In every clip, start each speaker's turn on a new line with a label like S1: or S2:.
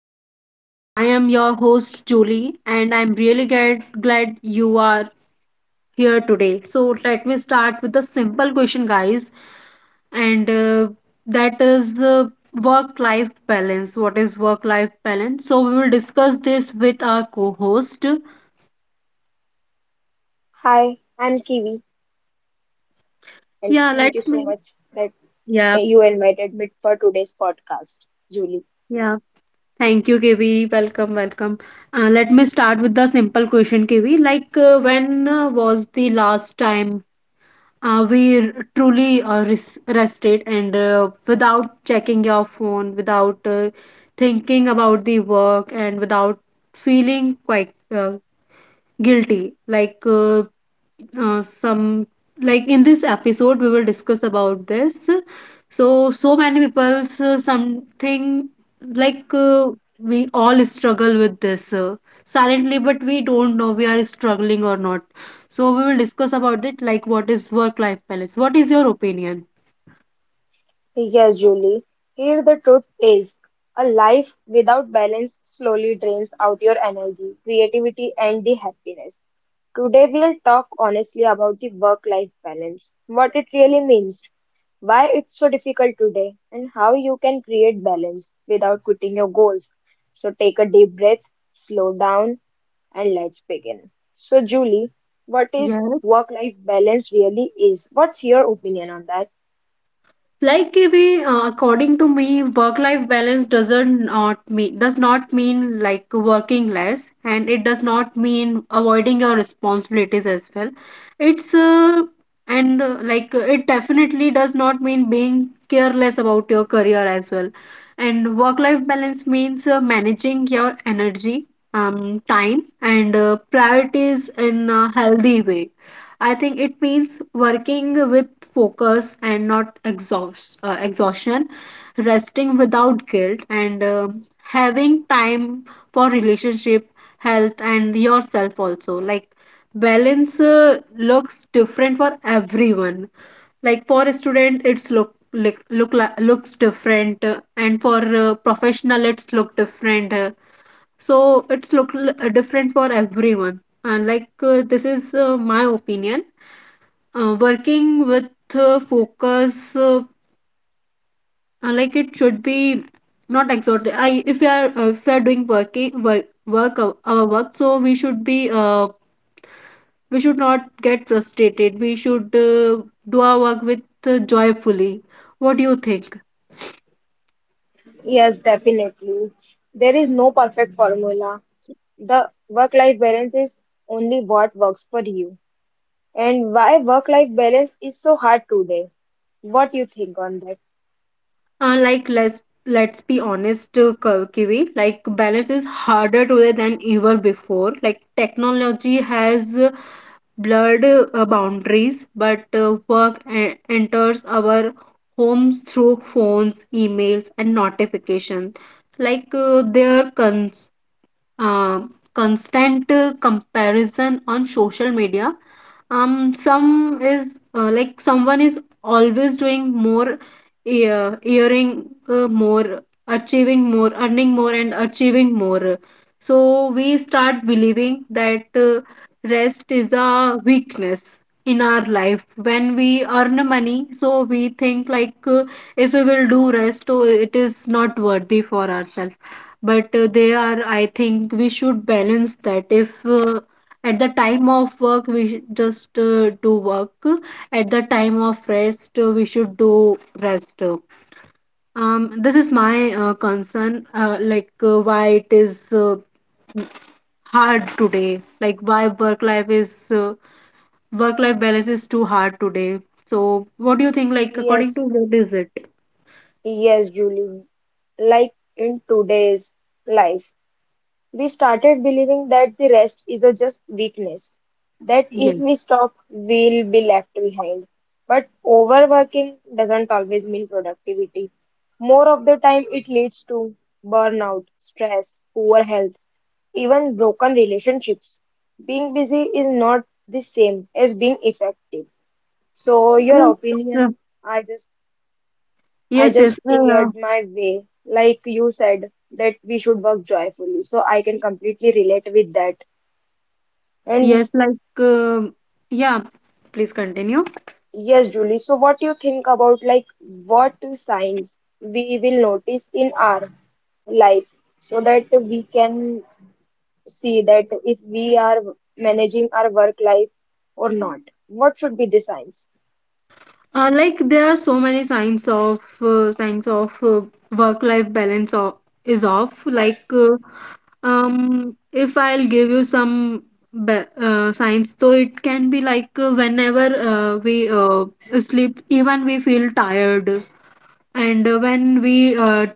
S1: podcast. I am your host, Julie, and I'm really glad you are here today. So, let me start with a simple question, guys. And that is work life balance. What is work life balance? So, we will discuss this with our co host.
S2: Hi, I'm Kiwi, and
S1: Yeah,
S2: thank you
S1: let's
S2: so
S1: me.
S2: much that
S1: Yeah,
S2: you invited me for today's podcast, Julie.
S1: yeah. Thank you, KV. Welcome, welcome. Let me start with the simple question, KV. Like, when was the last time? We truly rested and without checking your phone, without thinking about the work, and without feeling quite guilty, like some like in this episode we will discuss about this, so so many people's something like we all struggle with this silently, but we don't know we are struggling or not. So we will discuss about it, like what is work life balance? What is your opinion?
S2: Yes, Julie. Here the truth is a life without balance slowly drains out your energy, creativity, and the happiness. Today we'll talk honestly about the work-life balance, what it really means, why it's so difficult today, and how you can create balance without quitting your goals. So take a deep breath, slow down and let's begin. So, Julie, what is
S1: Yes,
S2: work life balance really is? What's your opinion on that?
S1: like a way, according to me work life balance does not mean like working less, and it does not mean avoiding your responsibilities as well. It's and Like it definitely does not mean being careless about your career as well. And work life balance means managing your energy, time and priorities in a healthy way. I think it means working with focus and not exhaust exhaustion, resting without guilt, and having time for relationship, health and yourself also. Like balance looks different for everyone. Like for a student it's looks different, and for professional it's look different. So it's different for everyone, and like this is my opinion. Working with focus, like it should be not exhausted. I If we are if we are doing working work work our work, so we should be we should not get frustrated. We should do our work with joyfully. What do you think?
S2: Yes, definitely. There is no perfect formula. The work life balance is only what works for you. And why work life balance is so hard today? What you think on that?
S1: Like let's be honest, Kiwi. Like balance is harder today than ever before. Like technology has blurred boundaries, but work enters our homes through phones, emails, and notifications. Like uh, constant comparison on social media, some is like someone is always doing more, earning more and achieving more. So we start believing that rest is a weakness. In our life, when we earn money, so we think like if we will do rest, oh, it is not worthy for ourselves. But they are, I think we should balance that. If at the time of work we should just do work, at the time of rest we should do rest. This is my concern, like why it is hard today, like why work life is uh, work life balance is too hard today. So what do you think, like according to,
S2: Yes,
S1: what is it?
S2: yes, Julie. Like in today's life, we started believing that the rest is a just weakness, that if we
S1: yes
S2: stop, we'll be left behind. But overworking doesn't always mean productivity. More of the time, it leads to burnout, stress, poor health, even broken relationships. Being busy is not the same as being effective. So, your
S1: yes uh,
S2: opinion, I just I
S1: yes
S2: just
S1: yes uh,
S2: cleared my way. Like you said, that we should work joyfully. So I can completely relate with that. And
S1: yes, like yeah, please continue.
S2: yes, Julie, so what do you think about like what signs we will notice in our life so that we can see that if we are managing our work life or not? What should be the signs?
S1: Like there are so many signs of work life balance is off, like if I'll give you some signs, so it can be like whenever we sleep even we feel tired. And when we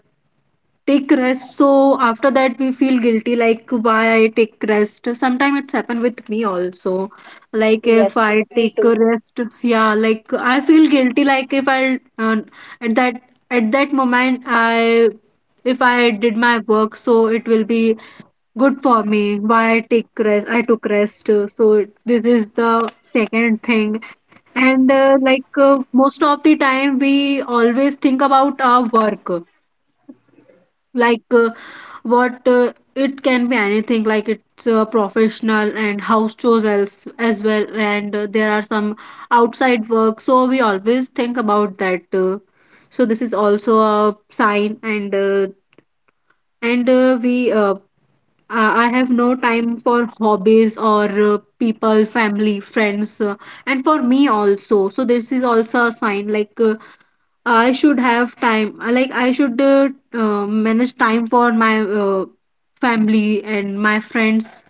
S1: take rest, so after that we feel guilty, like why I take rest. Sometimes it's happened with me also, like if
S2: Yes,
S1: I
S2: me
S1: take a
S2: too.
S1: rest, yeah, like I feel guilty. Like if I at that at that moment, I if I did my work, so it will be good for me. Why I take rest, I took rest. So this is the second thing. And like most of the time we always think about our work, like what it can be anything, like it's professional and house chores as well. And there are some outside work, so we always think about that. So this is also a sign. And we I have no time for hobbies or people, family, friends, and for me also. So this is also a sign, like I should have time. I Like I should manage time for my family and my friends,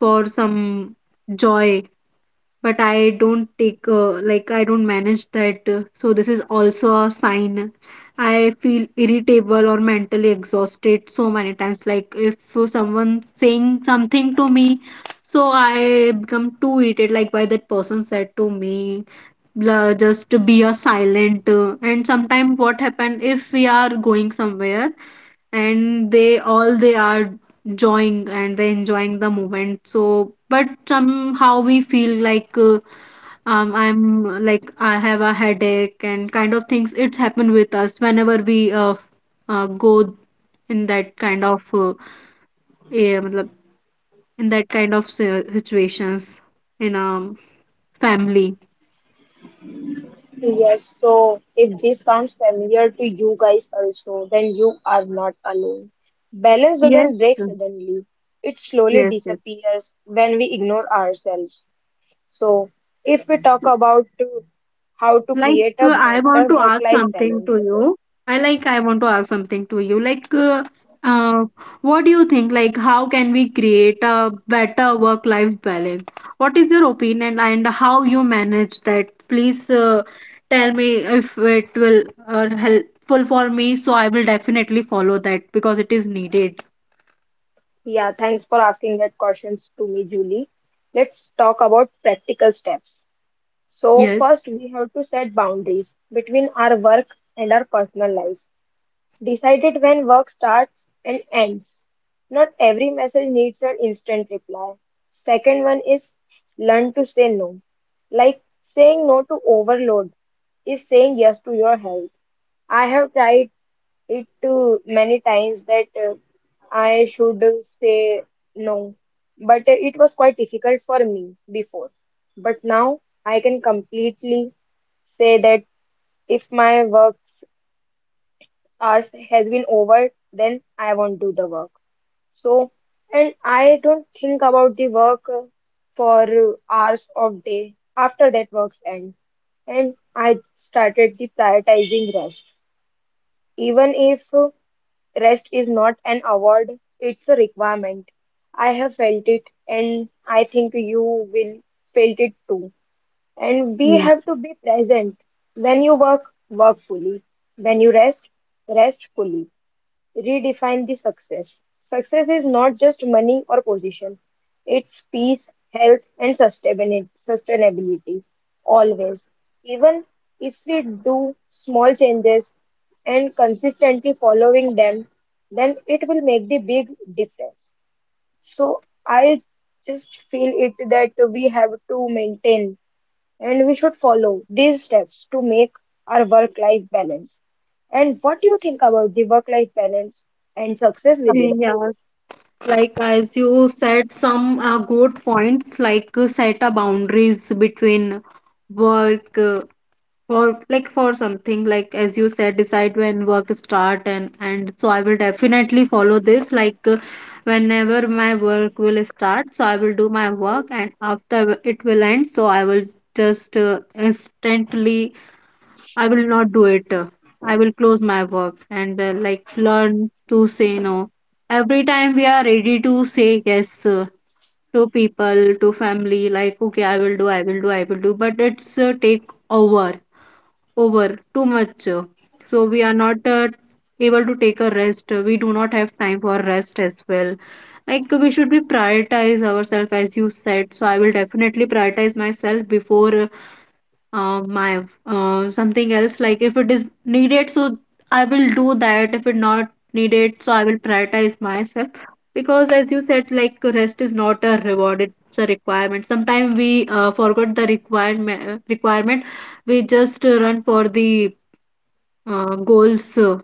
S1: for some joy. But I don't take like I don't manage that. So this is also a sign. I feel irritable or mentally exhausted so many times. Like if someone saying something to me, so I become too irritated. Like why that person said to me, just to be a silent. And sometimes what happen, if we are going somewhere and they all they are enjoying, and they enjoying the moment, so but somehow we feel like I'm like I have a headache and kind of things. It's happened with us whenever we go in that kind of eh, matlab, in that kind of situations in a family.
S2: Yes, so if this sounds familiar to you guys also, then you are not alone. Balance doesn't
S1: Yes,
S2: break suddenly, it slowly
S1: yes, yes.
S2: disappears when we ignore ourselves. So, if we talk about to, how to
S1: Like,
S2: create a
S1: I want
S2: better
S1: to ask
S2: work-life
S1: something to
S2: balance,
S1: you. I Like, I want to ask something to you. Like, uh, what do you think? Like, how can we create a better work-life balance? What is your opinion and how you manage that? Please, tell me if it will helpful for me. So I will definitely follow that because it is needed.
S2: yeah, thanks for asking that questions to me, Julie. Let's talk about practical steps. So,
S1: Yes.
S2: first, we have to set boundaries between our work and our personal lives. Decided when work starts and ends. Not every message needs an instant reply. Second one is learn to say no. Like saying no to overload is saying yes to your health. I have tried it too many times that I should say no, but it was quite difficult for me before. But now I can completely say that if my work hours has been over, then I won't do the work. So, and I don't think about the work for hours of day after that work's end. And I started the prioritizing rest. Even if rest is not an award, it's a requirement. I have felt it, and I think you will felt it too. And we have
S1: Yes.
S2: to be present. When you work, work fully. When you rest, rest fully. Redefine the success. Success is not just money or position, it's peace, health, and sustainability. Always. Even if we do small changes and consistently following them, then it will make the big difference. So I just feel it that we have to maintain and we should follow these steps to make our work life balance. And what do you think about the work life balance and success within?
S1: Yes. Like as you said some good points, like set a boundaries between work, for like for something, like as you said decide when work start and so I will definitely follow this. Like whenever my work will start, so I will do my work, and after it will end, so I will just instantly, I will not do it. I will close my work. And like learn to say no. Every time we are ready to say yes to people, to family, like okay, I will do, I will do, I will do, but it's take over too much. So we are not able to take a rest. We do not have time for rest as well. Like we should be prioritize ourselves, as you said. So I will definitely prioritize myself before my something else. Like if it is needed, so I will do that. If it not needed, so I will prioritize myself, because as you said, like rest is not a reward, it's a requirement. Sometimes we forget the requirement, we just run for the goals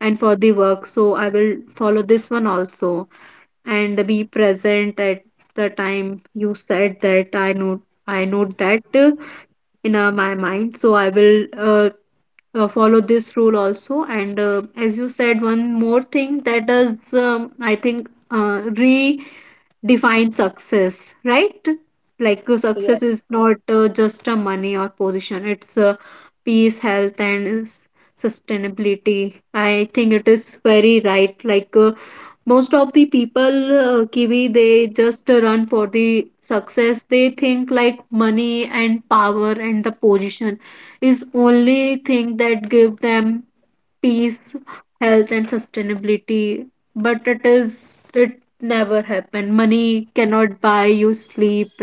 S1: and for the work. So I will follow this one also. And be present at the time, you said that. I know, I note that in my mind. So I will follow this rule also. And as you said, one more thing that does, I think, redefine success, right? Like success
S2: Yes,
S1: is not just a money or position, it's peace, health, and sustainability. I think it is very right. Like, most of the people, Kiwi, they just run for the success. They think like money and power and the position is only thing that give them peace, health and sustainability. But it is, it never happen. Money cannot buy you sleep.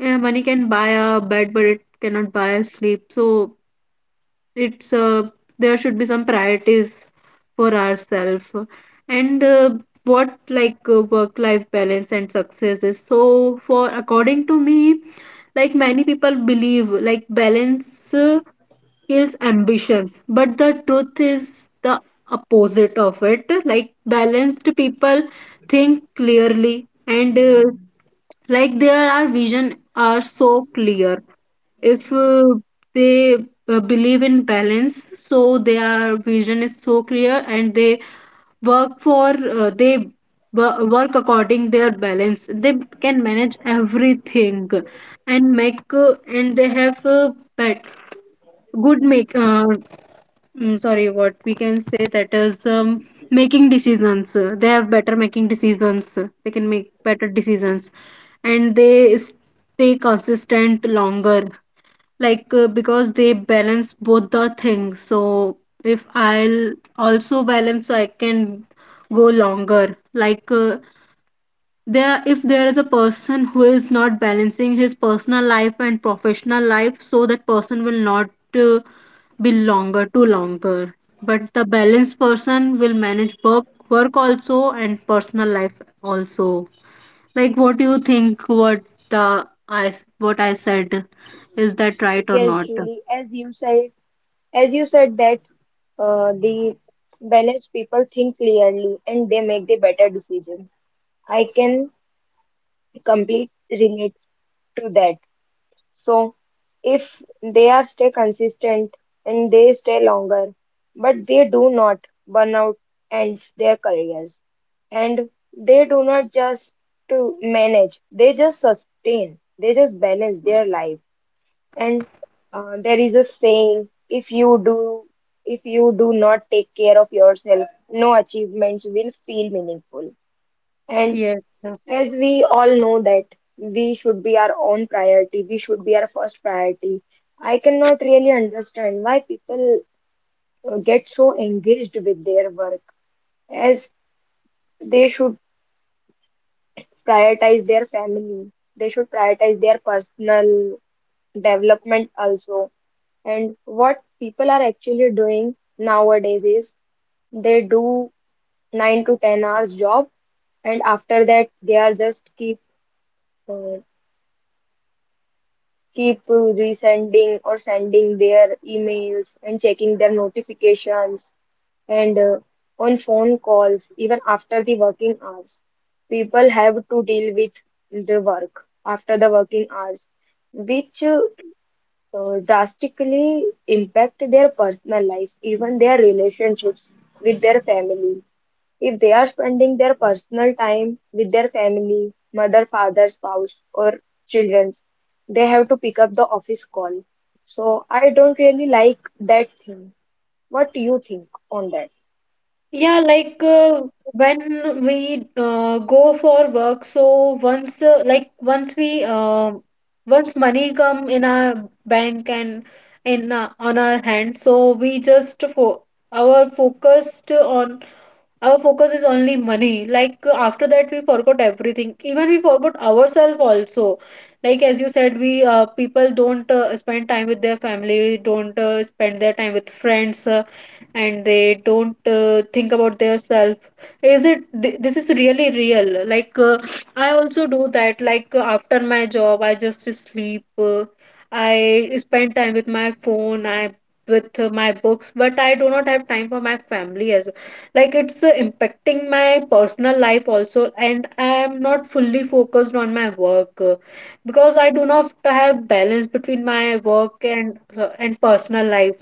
S1: Yeah, money can buy a bed but it cannot buy a sleep. So it's there should be some priorities for ourselves. And what like work-life balance and success is. So, for according to me, like many people believe like balance kills ambitions, but the truth is the opposite of it. Like balanced people think clearly and like their our vision are so clear. If they believe in balance, so their vision is so clear and they work for, they work according their balance. They can manage everything and make and they have good make uh, sorry, what we can say that is, making decisions, they have better making decisions, they can make better decisions and they stay consistent longer. Like because they balance both the things, so if I'll also balance, so I can go longer. Like there, if there is a person who is not balancing his personal life and professional life, so that person will not uh, be longer, too longer. But the balanced person will manage work also and personal life also. Like what do you think, the i what I said, is that right or
S2: yes,
S1: not?
S2: Julie, as you said that the balanced people think clearly and they make the better decision. I can complete relate to that. So if they are stay consistent and they stay longer, but they do not burn out ends their careers and they do not just to manage, they just sustain, they just balance their life. And there is a saying, if you do not take care of yourself, no achievements will feel meaningful. And
S1: Yes.
S2: as we all know that we should be our own priority, we should be our first priority. I cannot really understand why people get so engaged with their work, as they should prioritize their family, they should prioritize their personal development also. And what people are actually doing nowadays is they do 9 to 10 hours job, and after that, they are just uh, keep resending or sending their emails and checking their notifications and on phone calls. Even after the working hours, people have to deal with the work after the working hours, which drastically impact their personal life, even their relationships with their family. If they are spending their personal time with their family, mother, father, spouse, or children, they have to pick up the office call. So I don't really like that thing. What do you think on that?
S1: Yeah, like when we go for work, so once like once we once money come in our bank and in on our hand, so we just fo our focused on our focus is only money. Like after that, we forgot everything. Even we forgot ourselves also. Like as you said, we people don't spend time with their family, don't spend their time with friends, and they don't think about their self. This is really real? I also do that. Like after my job, I just sleep. I spend time with my phone. I with my books, but I do not have time for my family as like it's impacting my personal life also, and I am not fully focused on my work, because I do not have balance between my work and and personal life,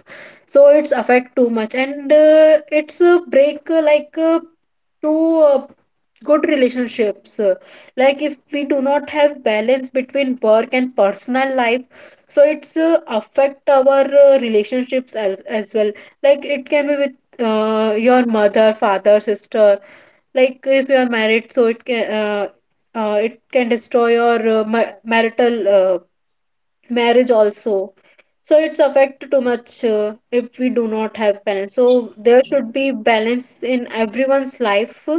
S1: so it's affect too much, and it's a break like to uh, good relationships, like if we do not have balance between work and personal life, so it's affect our relationships as well. Like it can be with your mother, father, sister. Like if you are married, so it can destroy your marital marriage also. So it's affect too much if we do not have balance. So there should be balance in everyone's life,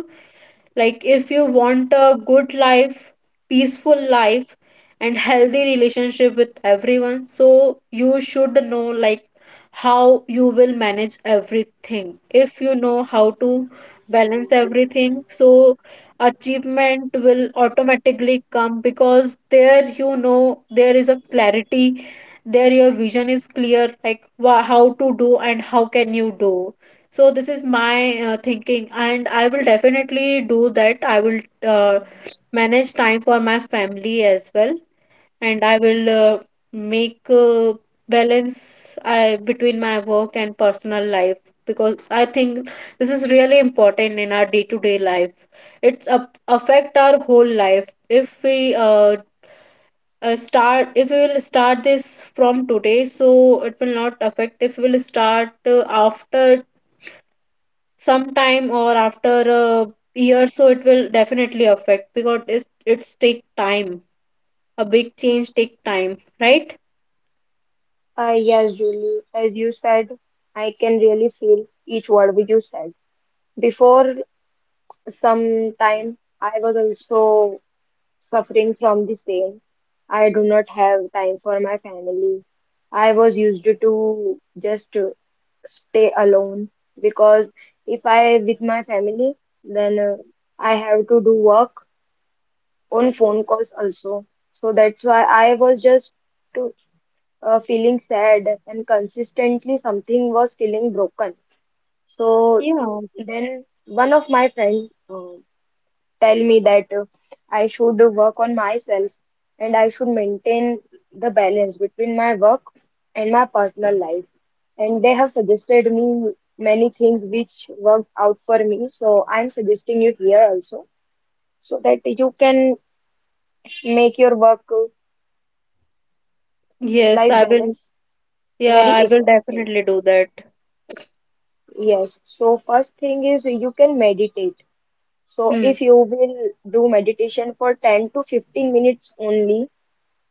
S1: like, if you want a good life, peaceful life, and healthy relationship with everyone, so you should know, like, how you will manage everything. If you know how to balance everything, so achievement will automatically come because there you know there is a clarity, there your vision is clear, like how to do and how can you do. So this is my thinking, and I will definitely do that. I will uh, manage time for my family as well, and I will make balance between my work and personal life, because I think this is really important in our day-to-day life. It's up affect our whole life. If we will start this from today, so it will not affect. If we will start after sometime or after a year, so it will definitely affect because it's take time, a big change take time, right?
S2: Yes, Julie, as you said, I can really feel each word you said. Before some time, I was also suffering from the same. I do not have time for my family. I was used to just stay alone because if I with my family, then I have to do work on phone calls also. So that's why I was just to, feeling sad, and consistently something was feeling broken. So
S1: Yeah.
S2: then one of my friend tell me that I should work on myself and I should maintain the balance between my work and my personal life. And they have suggested me many things which worked out for me. So I'm suggesting you here also so that you can make your work
S1: Yes,
S2: life
S1: I will.
S2: balance
S1: Yeah,
S2: very
S1: I will
S2: effective.
S1: definitely do that.
S2: Yes. So first thing is you can meditate. So
S1: Hmm.
S2: if you will do meditation for 10 to 15 minutes only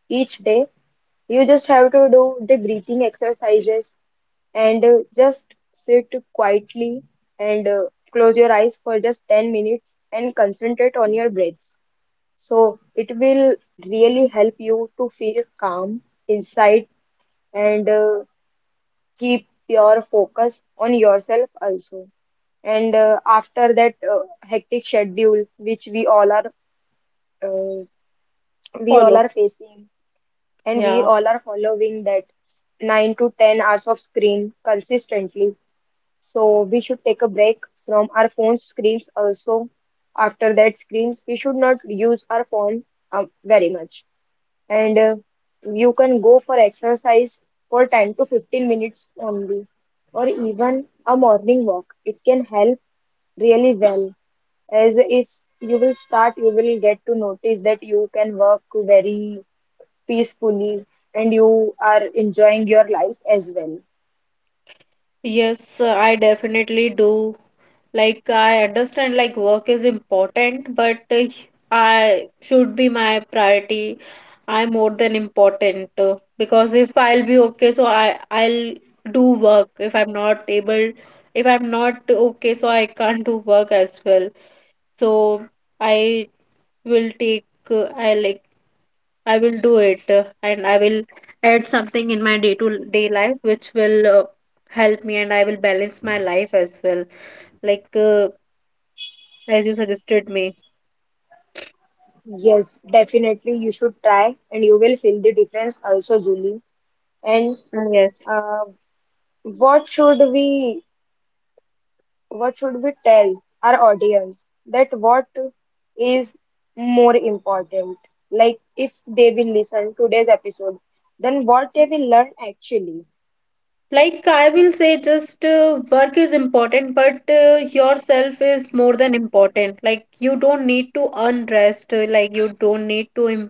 S2: each day. You just have to do the breathing exercises and just sit quietly and close your eyes for just 10 minutes and concentrate on your breaths. So it will really help you to feel calm inside and keep your focus on yourself also. And after that hectic schedule which uh, we all
S1: Follow.
S2: are facing and we
S1: Yeah.
S2: all are following that, 9 to 10 hours of screen consistently. So we should take a break from our phone screens also. After that screens, we should not use our phone very much. And you can go for exercise for 10 to 15 minutes only, or even a morning walk. It can help really well, as if you will start, you will get to notice that you can work very peacefully and you are enjoying your life as well.
S1: Yes, I definitely do. Like, I understand, like, work is important, but I should be my priority. I'm more than important, because if I'll be okay, so I'll do work. If I'm not able, if I'm not okay, so I can't do work as well. So I will take. I will do it, and I will add something in my day to day life which will help me, and I will balance my life as well. Like, as you suggested me.
S2: Yes, definitely you should try and you will feel the difference also, Julie. And
S1: Yes.
S2: uh, what should we, what should we tell our audience that what is more important? Like if they will listen today's episode, then what they will learn actually.
S1: Like, I will say just, work is important, but yourself is more than important. Like, you don't need to earn rest. Like, you don't need to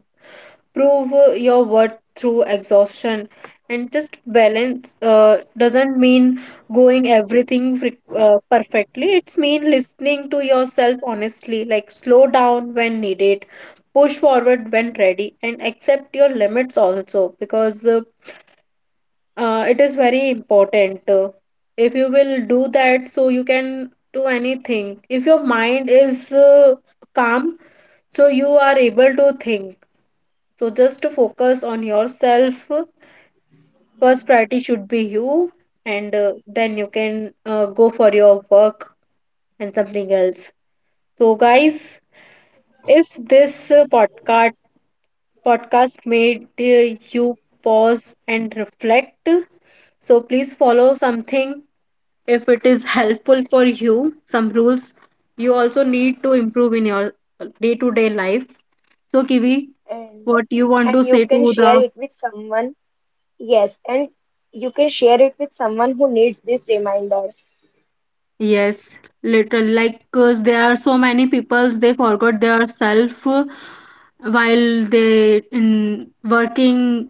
S1: prove your worth through exhaustion, and just balance doesn't mean going everything perfectly. It's mean listening to yourself honestly, like slow down when needed, push forward when ready, and accept your limits also, because it is very important. If you will do that, so you can do anything. If your mind is calm, so you are able to think, so just to focus on yourself. First priority should be you, and then you can go for your work and something else. So, guys, if this podcast made you pause and reflect, so please follow something if it is helpful for you. Some rules you also need to improve in your day to day life. So, Kiwi,
S2: and
S1: what you want to
S2: and you
S1: say
S2: can
S1: to
S2: share
S1: the.
S2: it with someone. Yes, and you can share it with someone who needs this reminder.
S1: Yes, little like cause there are so many peoples they forgot their self, while they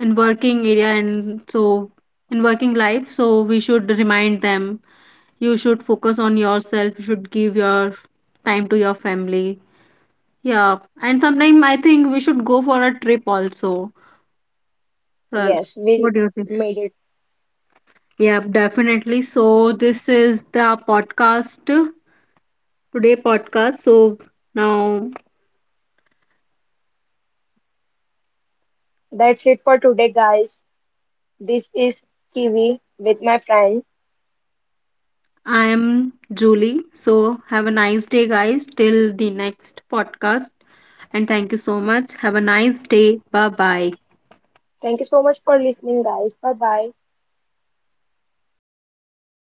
S1: in working area and so in working life. So we should remind them. You should focus on yourself. You should give your time to your family. Yeah, and sometimes I think we should go for a trip also. Well,
S2: Yes, we
S1: what do you think?
S2: made it.
S1: Yeah, definitely. So this is the podcast. Today podcast. So now
S2: That's it for today, guys. This is Kiwi with my friend.
S1: I am Julie. So have a nice day, guys. Till the next podcast. And thank you so much. Have a nice day. Bye bye.
S2: Thank you so much for listening, guys. Bye bye.